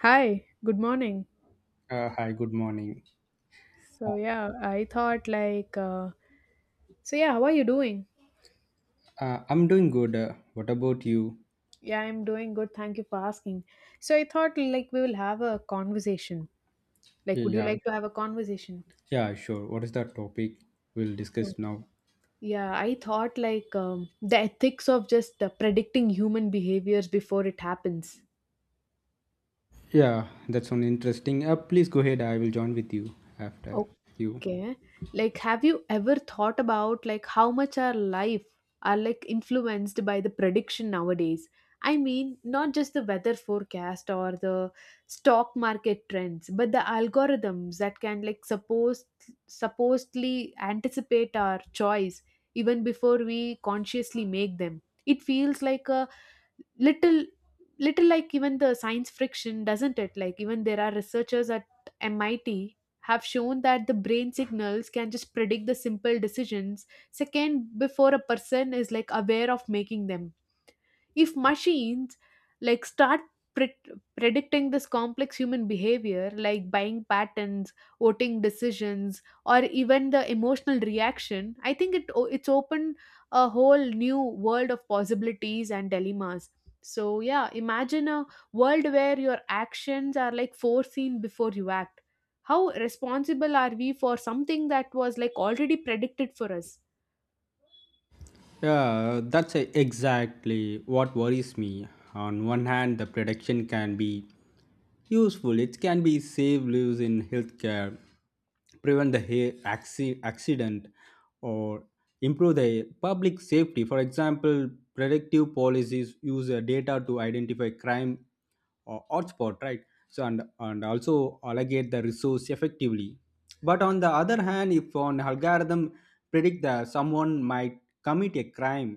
Hi, good morning. Hi, good morning. Uh, So yeah, I thought like uh, so how are you doing? I'm doing good. What about you? Yeah, I'm doing good. Thank you for asking. So I thought like we will have a conversation. Like would you Yeah, like to have a conversation? yeah, sure. What is the topic we'll So discuss now? yeah, I thought like The ethics of just predicting human behaviors before it happens. Yeah, that's one interesting. Please go ahead. I will join with you after you. Okay. Like, have you ever thought about like how much our life are like influenced by the prediction nowadays? I mean, not just the weather forecast or the stock market trends, but the algorithms that can like supposedly anticipate our choice even before we consciously make them. It feels like a little little like even the science friction, doesn't it? Like even there are researchers at MIT have shown that the brain signals can just predict the simple decisions second before a person is like aware of making them. If machines like start pre- predicting this complex human behavior like buying patterns, voting decisions or even the emotional reaction, I think it's opened a whole new world of possibilities and dilemmas. So yeah, imagine a world where your actions are like foreseen before you act. How responsible are we for something that was like already predicted for us? Yeah, that's exactly what worries me. On one hand, the prediction can be useful. It can be save lives in healthcare, prevent the accident, or improve the public safety. For example, predictive policies use data to identify crime hotspot, right? So and also allocate the resource effectively. But on the other hand, if an algorithm predict that someone might commit a crime,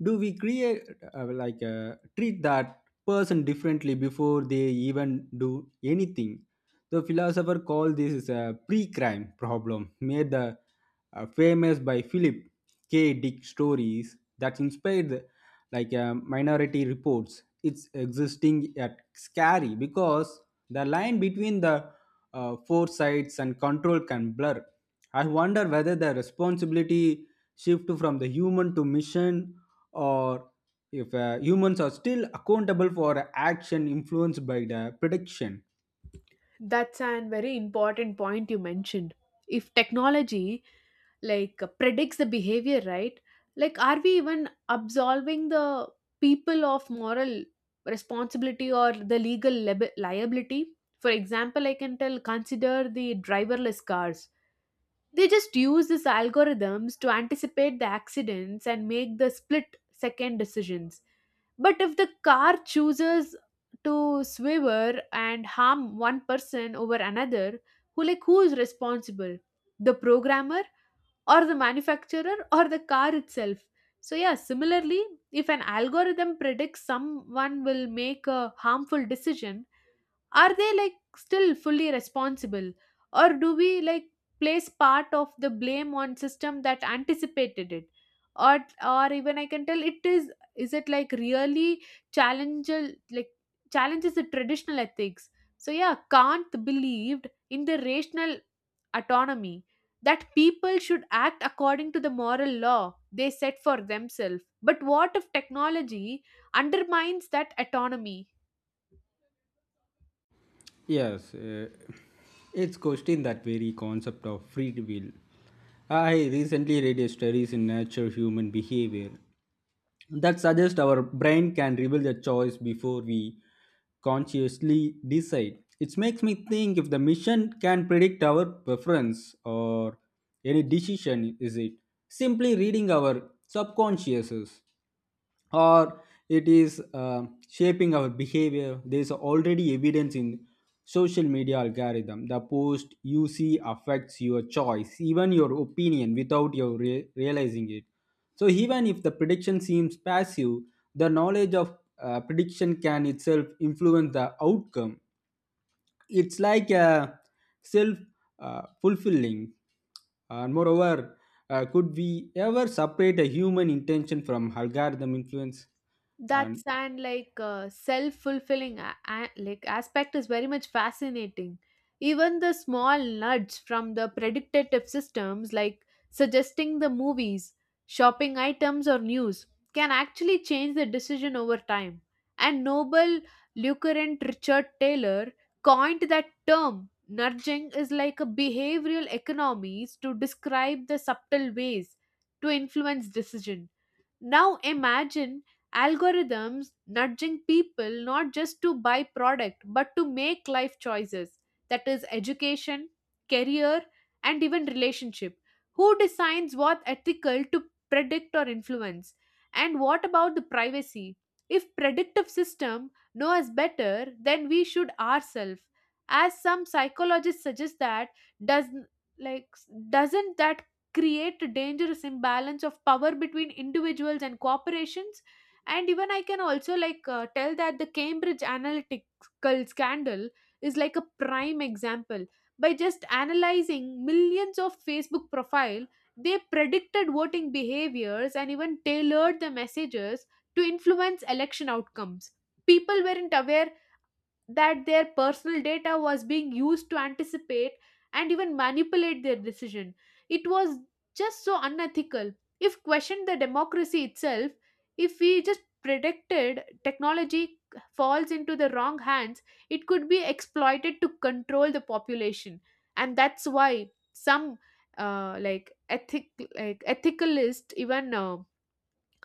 do we create treat that person differently before they even do anything? The philosopher called this is a pre-crime problem, made the famous by Philip K. Dick stories that inspired the, like minority reports. It's existing at scary because the line between the foresights and control can blur. I wonder whether the responsibility shift from the human to mission, or if humans are still accountable for action influenced by the prediction. That's a very important point you mentioned. If technology predicts the behavior, right, like are we even absolving the people of moral responsibility or the legal liability? For example, I can tell, consider the driverless cars. They just use these algorithms to anticipate the accidents and make the split second decisions. But if the car chooses to swerve and harm one person over another, who is responsible? The programmer or the manufacturer or the car itself. So, yeah, similarly, if an algorithm predicts someone will make a harmful decision, are they like still fully responsible? Or do we like place part of the blame on system that anticipated it? Or, or even I can tell it is it like really challenge, like challenges the traditional ethics? So yeah, Kant believed in the rational autonomy, that people should act according to the moral law they set for themselves. But what if technology undermines that autonomy? Yes, it's questioned that very concept of free will. I recently read a studies in Nature Human Behavior that suggest our brain can reveal the choice before we consciously decide. It makes me think, if the mission can predict our preference or any decision, is it simply reading our subconsciouses? Or it is shaping our behavior? There is already evidence in social media algorithm. The post you see affects your choice, even your opinion, without your realizing it. So even if the prediction seems passive, the knowledge of prediction can itself influence the outcome. It's like a self fulfilling. And moreover, could we ever separate a human intention from algorithm influence? That's, And and like self fulfilling like aspect is very much fascinating. Even the small nudge from the predictive systems, like suggesting the movies, shopping items, or news, can actually change the decision over time. And Nobel Lucrent Richard Taylor coined that term. Nudging is like a behavioral economies to describe the subtle ways to influence decision. Now imagine algorithms nudging people not just to buy product but to make life choices, that is education, career and even relationship. Who decides what ethical to predict or influence? And what about the privacy? If predictive system know us better, then we should ourselves. As some psychologists suggest that does like doesn't that create a dangerous imbalance of power between individuals and corporations? And even I can also like tell that the Cambridge analytical scandal is like a prime example. By just analyzing millions of Facebook profile, they predicted voting behaviors and even tailored the messages to influence election outcomes. People weren't aware that their personal data was being used to anticipate and even manipulate their decision. It was just so unethical. If questioned the democracy itself, if we just predicted technology falls into the wrong hands, it could be exploited to control the population. And that's why some like ethic like ethicalist even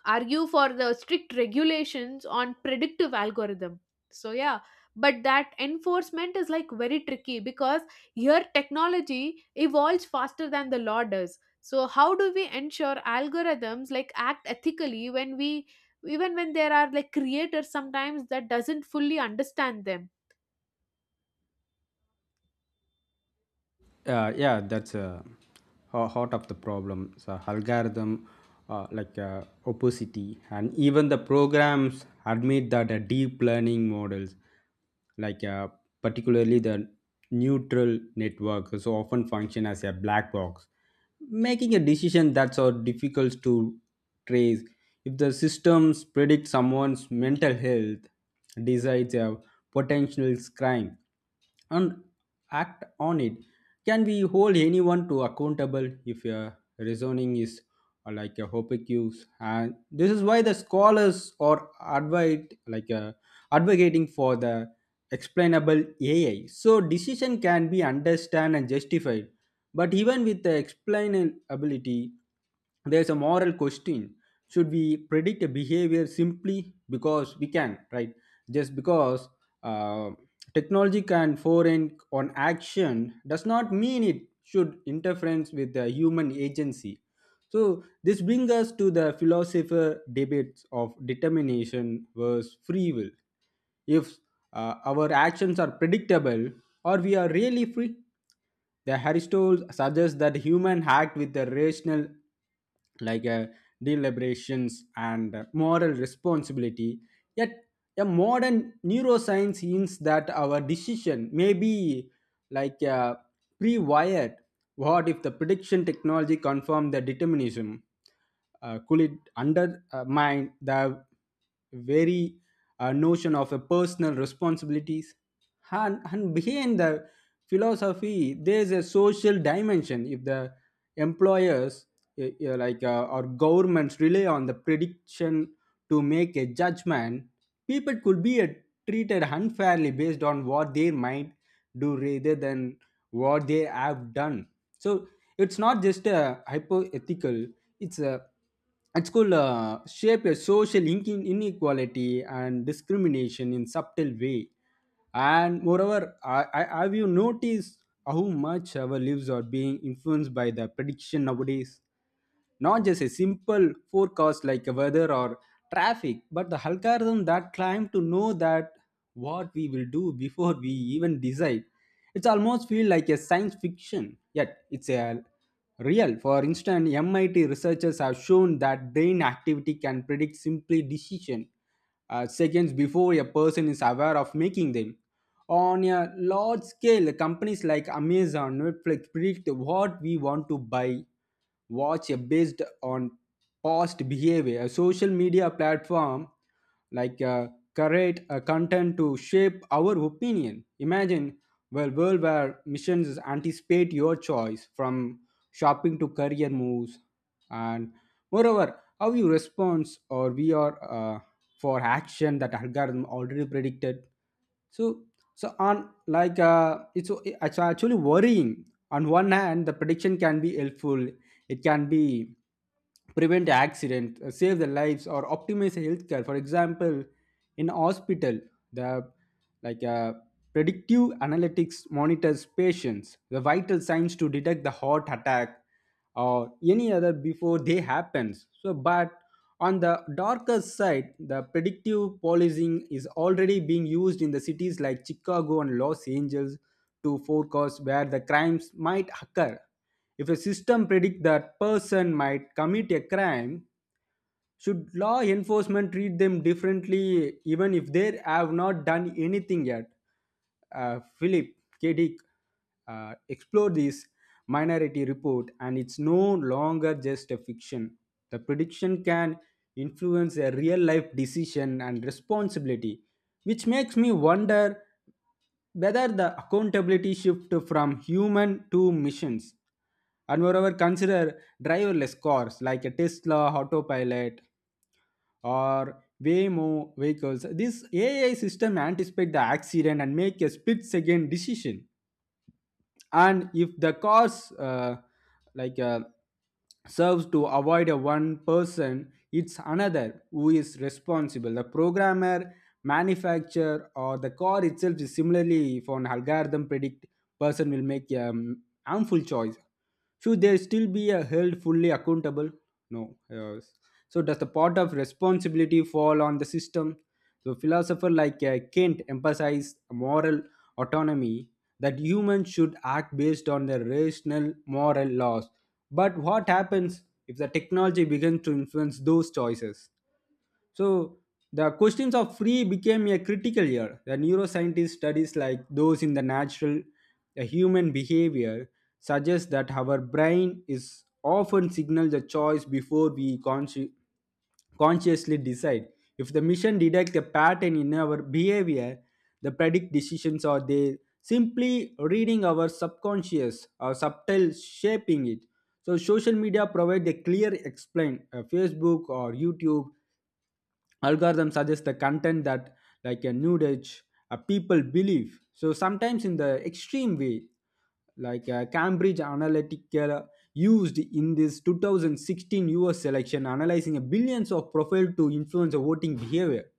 argue for the strict regulations on predictive algorithm. So yeah, but that enforcement is like very tricky because here technology evolves faster than the law does. So how do we ensure algorithms like act ethically when we even when there are like creators sometimes that doesn't fully understand them? Uh, yeah, that's uh, heart of the problem. So algorithm opacity, and even the programs admit that deep learning models like uh, particularly the neutral network so often function as a black box, making a decision that's so difficult to trace. If the systems predict someone's mental health, decides a potential crime and act on it, can we hold anyone to accountable if your reasoning is like a hopecuse? And this is why the scholars are advocate, advocating for the explainable AI, so decision can be understood and justified. But even with the explainability, there's a moral question: should we predict a behavior simply because we can, right? Just because uh, technology can foreign on action does not mean it should interference with the human agency. So this brings us to the philosopher debates of determination versus free will. If our actions are predictable or we are really free, the Aristotle suggests that human act with the rational, like uh, deliberations and moral responsibility. Yet, a modern neuroscience hints that our decision may be like a pre-wired. What if the prediction technology confirmed the determinism? Could it undermine the very notion of a personal responsibilities? And behind the philosophy, there is a social dimension. If the employers, or governments, rely on the prediction to make a judgment, people could be treated unfairly based on what they might do rather than what they have done. So it's not just a hypothetical; it's a it's could shape a social inequality and discrimination in subtle way. And moreover, have you noticed how much our lives are being influenced by the prediction nowadays? Not just a simple forecast like a weather or traffic, but the algorithm that claim to know that what we will do before we even decide. It's almost feel like a science fiction, yet it's a real. For instance, MIT researchers have shown that brain activity can predict simply decision seconds before a person is aware of making them. On a large scale, companies like Amazon, Netflix predict what we want to buy watch based on past behavior. A social media platform like uh, curate content to shape our opinion. Imagine well world where missions anticipate your choice from shopping to career moves, and moreover how you respond, or we are for action that algorithm already predicted. So so on it's actually worrying. On one hand, the prediction can be helpful. It can be prevent accident, save the lives or optimize healthcare. For example, in hospital, the like uh, predictive analytics monitors patients the vital signs to detect the heart attack or any other before they happens. So but on the darker side, the predictive policing is already being used in the cities like Chicago and Los Angeles to forecast where the crimes might occur. If a system predicts that person might commit a crime, should law enforcement treat them differently even if they have not done anything yet? Philip K. Dick explored this minority report, and it's no longer just a fiction. The prediction can influence a real life decision and responsibility, which makes me wonder whether the accountability shift from human to missions. And moreover, consider driverless cars like a Tesla autopilot or way more vehicles. This AI system anticipate the accident and make a split second decision. And if the cause like uh, serves to avoid a one person, it's another who is responsible. The programmer, manufacturer, or the car itself. Is similarly if an algorithm predict person will make a harmful choice, should they still be held fully accountable? No. Yes. So does the part of responsibility fall on the system? So philosopher Kant emphasized moral autonomy, that humans should act based on their rational moral laws. But what happens if the technology begins to influence those choices? So the questions of free became a critical year. The neuroscientist studies like those in the natural the human behavior suggest that our brain is often signal the choice before we consciously decide. If the mission detects a pattern in our behavior, the predict decisions or they simply reading our subconscious or subtle shaping it. So social media provide a clear explain. Facebook or YouTube algorithm suggests the content that like a nude edge people believe, so sometimes in the extreme way, Cambridge Analytica used in this 2016 US election, analyzing a billions of profile to influence the voting behavior.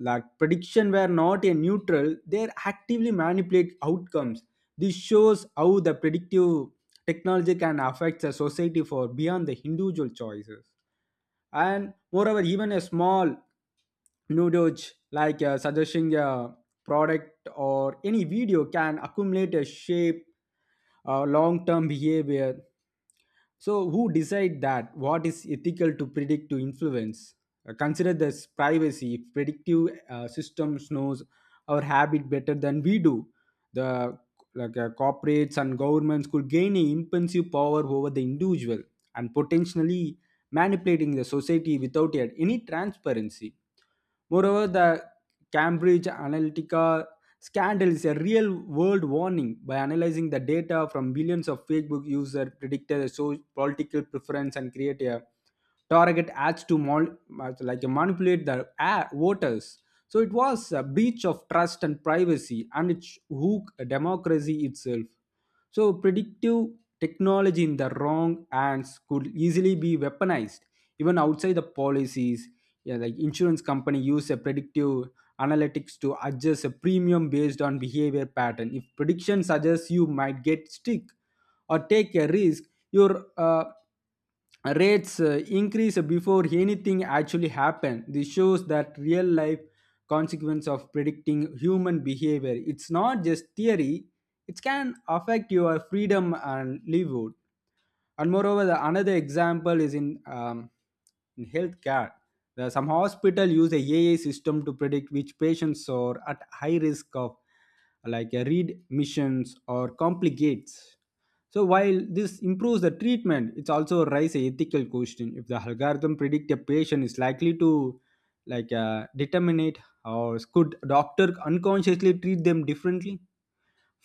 Like prediction were not a neutral, they actively manipulate outcomes. This shows how the predictive technology can affect the society for beyond the individual choices. And moreover, even a small nudge, suggesting a product or any video, can accumulate a shape long-term behavior. So, who decide that what is ethical to predict to influence? Consider this privacy. If predictive systems knows our habit better than we do, the corporates and governments could gain a impensive power over the individual and potentially manipulating the society without yet any transparency. Moreover, the Cambridge Analytica Scandal is a real world warning. By analyzing the data from billions of Facebook users, predicted a political preference, and create a target ads to manipulate the voters. So it was a breach of trust and privacy, and it shook democracy itself. So, predictive technology in the wrong hands could easily be weaponized, even outside the policies. Yeah, like insurance company use a predictive analytics to adjust a premium based on behavior pattern. If prediction suggests you might get sick or take a risk, your rates increase before anything actually happen. This shows that real life consequence of predicting human behavior, it's not just theory, it can affect your freedom and livelihood. And moreover, the another example is in healthcare, some hospital use a AI system to predict which patients are at high risk of readmissions or complicates. So while this improves the treatment, it's also raise a ethical question. If the algorithm predict a patient is likely to determinate, or could doctor unconsciously treat them differently,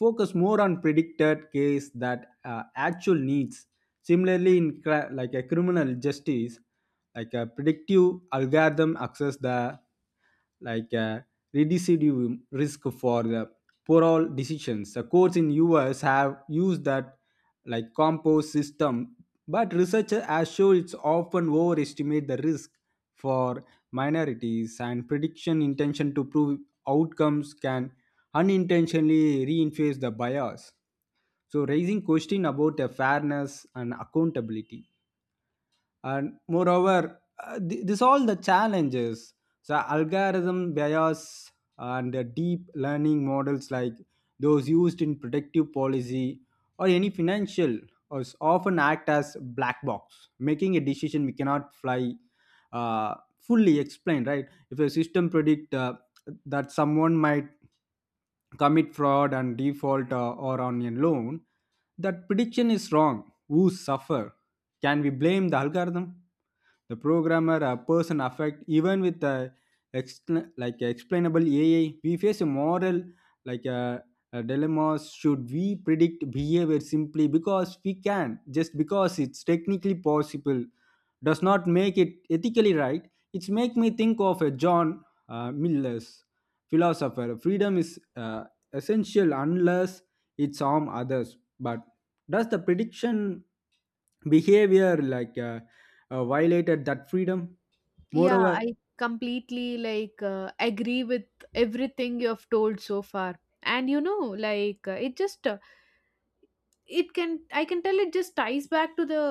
focus more on predicted case that actual needs? Similarly, in cri- like a criminal justice, like a predictive algorithm access the like uh, recidivism risk for the poor all decisions. The courts in US have used that like compost system, but researchers has shown it's often overestimate the risk for minorities and prediction intention to prove outcomes can unintentionally reinforce the bias, so raising question about the fairness and accountability. And moreover, this all the challenges. So algorithm bias and the deep learning models like those used in predictive policy or any financial or s- often act as black box making a decision we cannot fly, uh, fully explain, right? If a system predict, that someone might commit fraud and default, or on a loan, that prediction is wrong, who suffer? Can we blame the algorithm, the programmer, a person affect? Even with a like explainable AI, we face a moral like a, a dilemma. Should we predict behavior simply because we can? Just because it's technically possible does not make it ethically right. It's make me think of a John Miller's philosopher. Freedom is, essential unless it's harm others, but does the prediction behavior violated that freedom? Yeah, Moreover, I completely like agree with everything you have told so far. And you know like it just it can I can tell it just ties back to the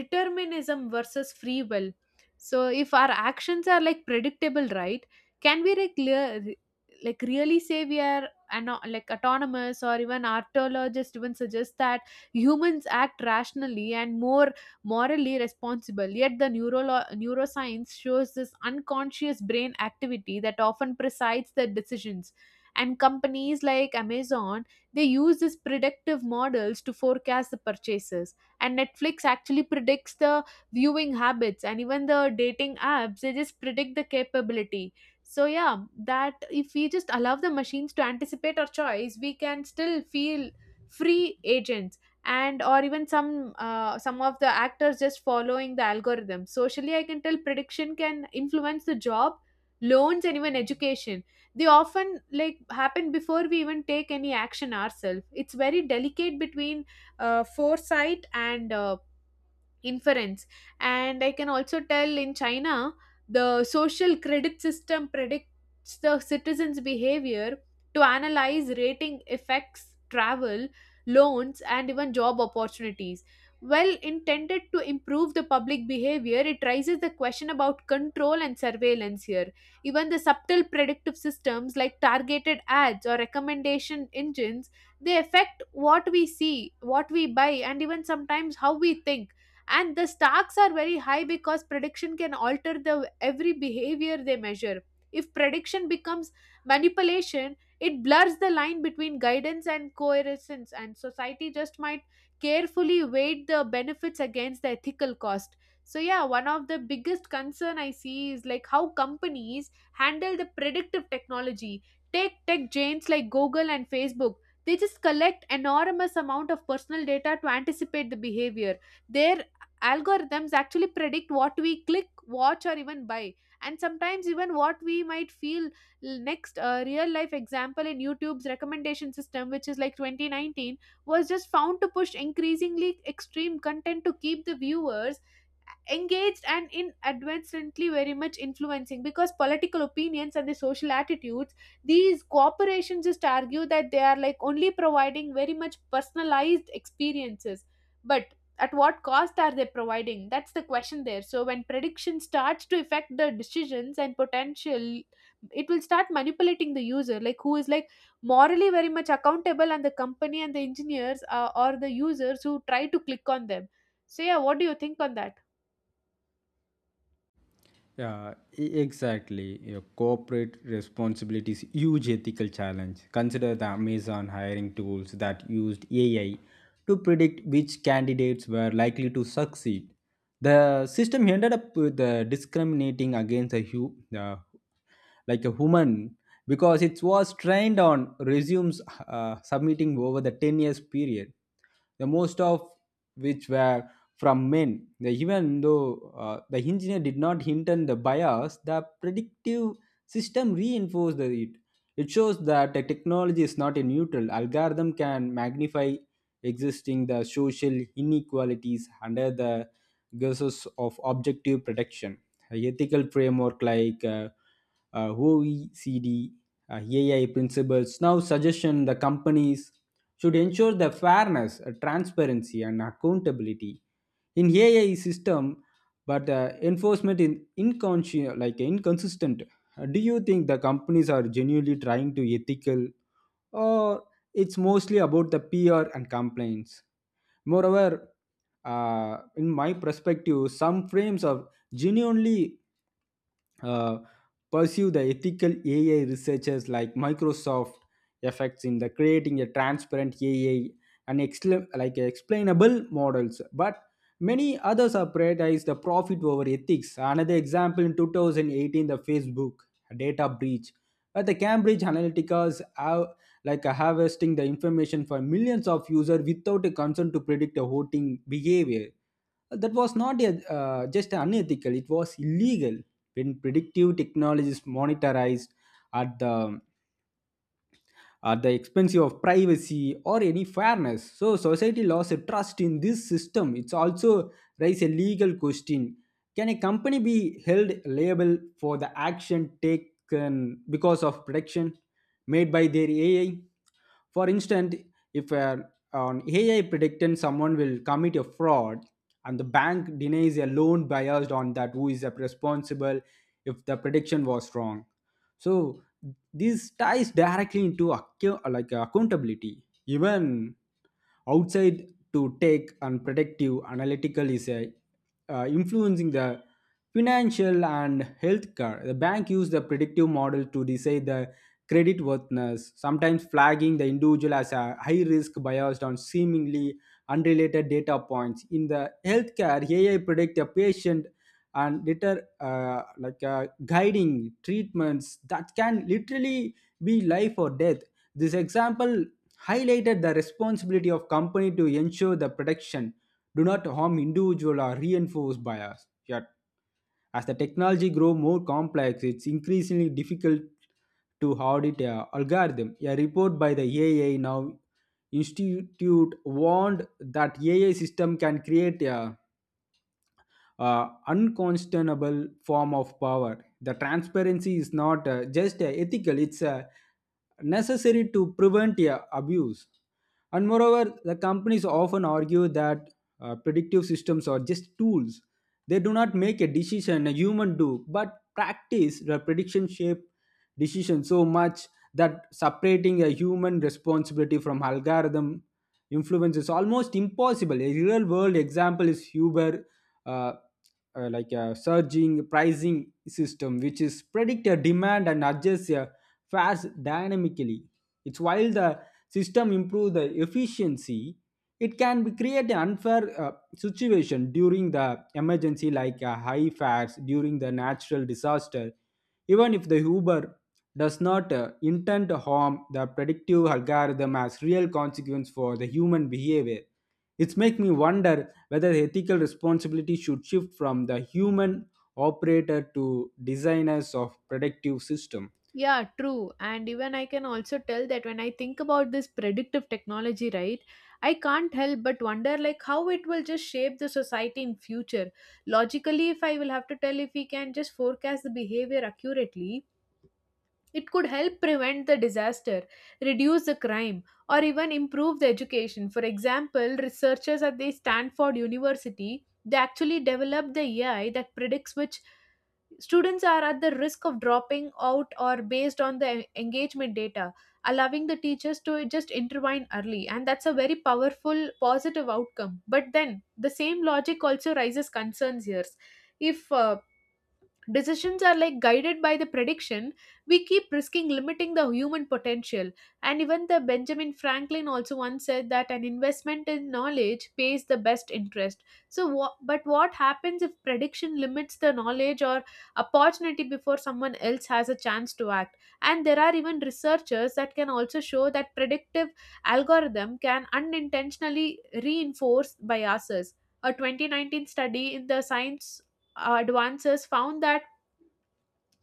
determinism versus free will. So if our actions are like predictable, right, can we like, clear, like really say we are like autonomous? Or even archaeologists even suggest that humans act rationally and more morally responsible, yet the neuroscience shows this unconscious brain activity that often presides the decisions. And companies like Amazon, they use these predictive models to forecast the purchases, and Netflix actually predicts the viewing habits, and even the dating apps, they just predict the capability. So yeah, that if we just allow the machines to anticipate our choice, we can still feel free agents. And or even some of the actors just following the algorithm. Socially, I can tell prediction can influence the job, loans and even education. They often like happen before we even take any action ourselves. It's very delicate between foresight and inference. And I can also tell in China, the social credit system predicts the citizens behavior to analyze rating effects travel, loans and even job opportunities. Well intended to improve the public behavior, it raises the question about control and surveillance here. Even the subtle predictive systems like targeted ads or recommendation engines, they affect what we see, what we buy and even sometimes how we think. And the stakes are very high because prediction can alter the every behavior they measure. If prediction becomes manipulation, it blurs the line between guidance and coercence, and society just might carefully weigh the benefits against the ethical cost. So yeah, one of the biggest concern I see is like how companies handle the predictive technology. Take tech giants like Google and Facebook. They just collect enormous amount of personal data to anticipate the behavior. Their algorithms actually predict what we click, watch or even buy, and sometimes even what we might feel next. A real life example in YouTube's recommendation system, which is like 2019, was just found to push increasingly extreme content to keep the viewers engaged and in advancedly very much influencing because political opinions and the social attitudes. These corporations just argue that they are like only providing very much personalized experiences. But at what cost are they providing? That's the question there. So when prediction starts to affect the decisions and potential, it will start manipulating the user. Like who is like morally very much accountable? And the company and the engineers or the users who try to click on them? So yeah, what do you think on that? yeah, exactly. Your corporate responsibility is huge ethical challenge. Consider the Amazon hiring tools that used AI to predict which candidates were likely to succeed. The system ended up with, discriminating against the uh, like a human because it was trained on resumes submitting over the 10 years period, the most of which were from men. Even though the engineer did not intend the bias, the predictive system reinforced it. It shows that a technology is not a neutral algorithm, can magnify existing the social inequalities under the guise of objective protection. Ethical framework like OECD, AI principles now suggestion the companies should ensure the fairness, transparency, and accountability in AI system, but enforcement in inconscient like inconsistent. Do you think the companies are genuinely trying to ethical, or it's mostly about the PR and complaints? Moreover, in my perspective, some frames of genuinely uh, pursue the ethical AI researchers like Microsoft effects in the creating a transparent AI and like explainable models. But many others have prioritized the profit over ethics. Another example, in 2018, the Facebook data breach, where the Cambridge Analytica's harvesting the information for millions of users without a concern to predict a voting behavior. That was not a, just unethical, it was illegal. When predictive technology is monetized at the at the expense of privacy or any fairness, so society lost trust in this system. It's also raise a legal question. Can a company be held liable for the action taken because of prediction made by their AI? For instance, if an AI predicted someone will commit a fraud and the bank denies a loan biased on that, who is responsible if the prediction was wrong? So this ties directly into like accountability. Even outside, to take and predictive analytical is a, influencing the financial and healthcare, the bank use the predictive model to decide the credit worthiness, sometimes flagging the individual as a high risk biased on seemingly unrelated data points. In the healthcare, AI predict a patient and deter, guiding treatments that can literally be life or death. This example highlighted the responsibility of company to ensure the protection do not harm individual or reinforce bias. Yet, as the technology grow more complex, it's increasingly difficult to audit a algorithm. A report by the AI now Institute warned that AI system can create a, unconscionable form of power. The transparency is not, just ethical, it's, necessary to prevent abuse. And moreover, the companies often argue that predictive systems are just tools. They do not make a decision, a human do, but practice the prediction shape decision so much that separating a human responsibility from algorithm influence is almost impossible. A real world example is Uber, uh, like a surging pricing system which is predict a demand and adjust a fares dynamically. It's while the system improve the efficiency, it can be create an unfair situation during the emergency, high fares during the natural disaster. Even if the Uber does not intend to harm, the predictive algorithm has real consequence for the human behavior. It's make me wonder whether ethical responsibility should shift from the human operator to designers of productive system. Yeah, true. And even I can also tell that when I think about this predictive technology, right, I can't help but wonder like how it will just shape the society in future. Logically, if I will have to tell, if we can just forecast the behavior accurately, it could help prevent the disaster, reduce the crime, or even improve the education. For example, researchers at the Stanford University, they actually developed the AI that predicts which students are at the risk of dropping out or based on the engagement data, allowing the teachers to just intervene early. And that's a very powerful positive outcome. But then the same logic also raises concerns here. If decisions are like guided by the prediction, we keep risking limiting the human potential. And even the Benjamin Franklin also once said that an investment in knowledge pays the best interest. So, but what happens if prediction limits the knowledge or opportunity before someone else has a chance to act? And there are even researchers that can also show that predictive algorithm can unintentionally reinforce biases. A 2019 study in the Science Advances found that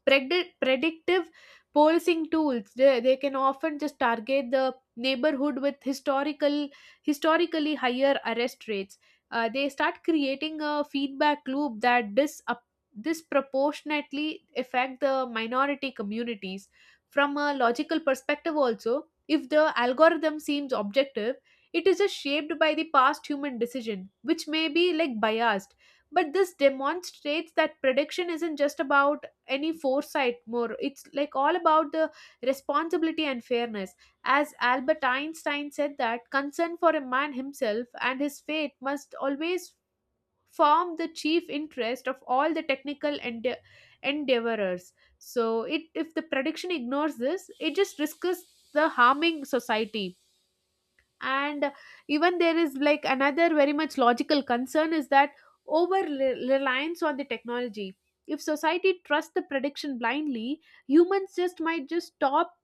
Predictive policing tools, they can often just target the neighborhood with historically higher arrest rates. They start creating a feedback loop that dis- up disproportionately affect the minority communities. From a logical perspective also, if the algorithm seems objective, it is just shaped by the past human decision, which may be like biased. But this demonstrates that prediction isn't just about any foresight more. It's like all about the responsibility and fairness. As Albert Einstein said that concern for a man himself and his fate must always form the chief interest of all the technical endeavorers. So it, if the prediction ignores this, it just risks the harming society. And even there is like another very much logical concern is that reliance on the technology. If society trusts the prediction blindly, humans just might just stop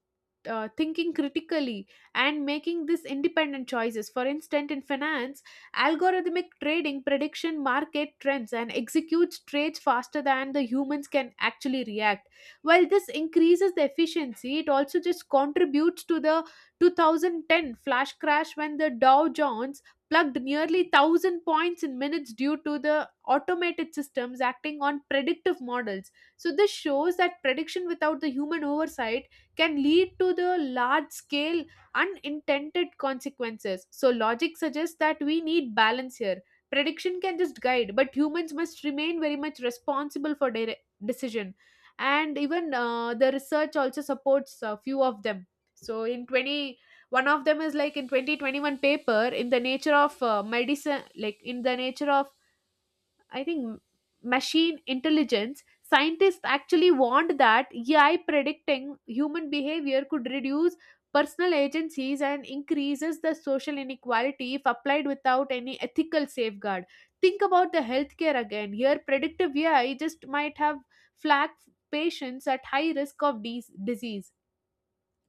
thinking critically and making these independent choices. For instance, in finance, algorithmic trading prediction market trends and executes trades faster than the humans can actually react. While this increases the efficiency, it also just contributes to the 2010 flash crash when the Dow Jones plugged nearly 1000 points in minutes due to the automated systems acting on predictive models. So this shows that prediction without the human oversight can lead to the large scale unintended consequences. So, logic suggests that we need balance here. Prediction can just guide, but humans must remain very much responsible for their decision. And even the research also supports a few of them. So, in twenty, one of them is like in 2021 paper in the nature of medicine, like in the nature of I think machine intelligence, scientists actually warned that AI predicting human behavior could reduce personal agencies and increases the social inequality if applied without any ethical safeguard. Think about the healthcare again. Here, predictive AI just might have flagged patients at high risk of disease.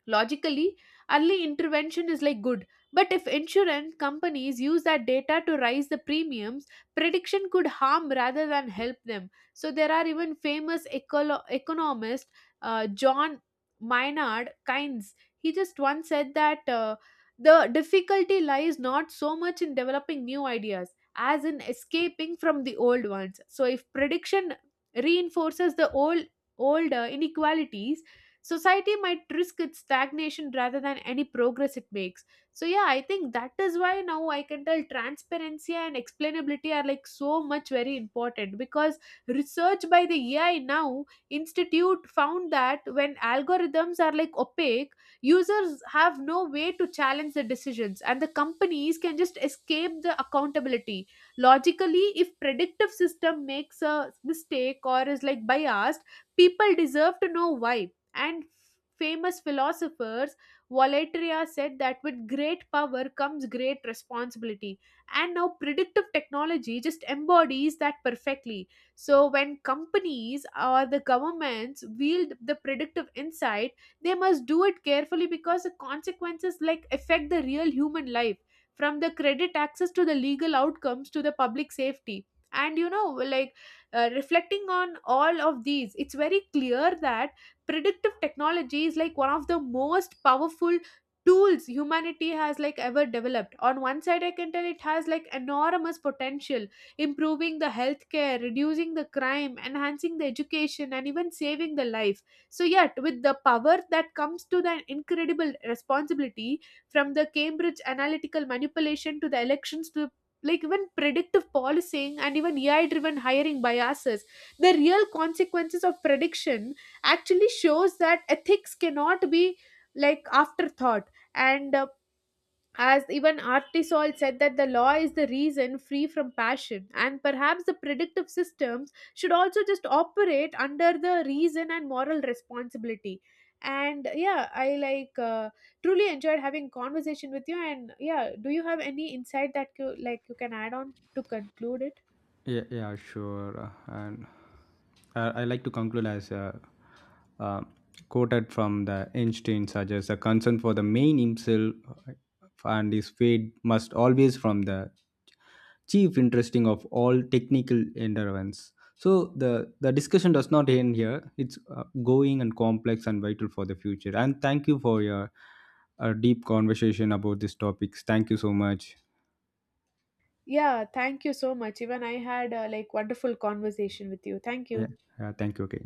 Logically, early intervention is like good, but if insurance companies use that data to raise the premiums, prediction could harm rather than help them. So there are even famous economist John Maynard Keynes. He just once said that the difficulty lies not so much in developing new ideas as in escaping from the old ones. So if prediction reinforces the older inequalities, society might risk its stagnation rather than any progress it makes. So yeah, I think that is why now I can tell transparency and explainability are like so much very important because research by the AI now institute found that when algorithms are like opaque, users have no way to challenge the decisions and the companies can just escape the accountability. Logically, if predictive system makes a mistake or is like biased, people deserve to know why. And famous philosophers Volaterra said that with great power comes great responsibility, and now predictive technology just embodies that perfectly. So when companies or the governments wield the predictive insight, they must do it carefully because the consequences like affect the real human life, from the credit access to the legal outcomes to the public safety. And you know like reflecting on all of these, it's very clear that predictive technology is like one of the most powerful tools humanity has like ever developed. On one side, I can tell it has like enormous potential, improving the healthcare, reducing the crime, enhancing the education and even saving the life. So yet with the power that comes to the incredible responsibility, from the Cambridge analytical manipulation to the elections to like even predictive policing and even AI driven hiring biases, the real consequences of prediction actually shows that ethics cannot be like afterthought. And as even Artisol said that the law is the reason free from passion, and perhaps the predictive systems should also just operate under the reason and moral responsibility. And yeah, I like truly enjoyed having conversation with you. And yeah, do you have any insight that you like you can add on to conclude it? To conclude, as uh, quoted from the Einstein suggests, the concern for the main himself, uh, and his fate must always from the chief interesting of all technical endeavors. So the discussion does not end here. It's going and complex and vital for the future. And thank you for your deep conversation about these topics. Thank you so much. Yeah, thank you so much. Even I had a like wonderful conversation with you. Thank Yeah, you. yeah, thank you. Okay.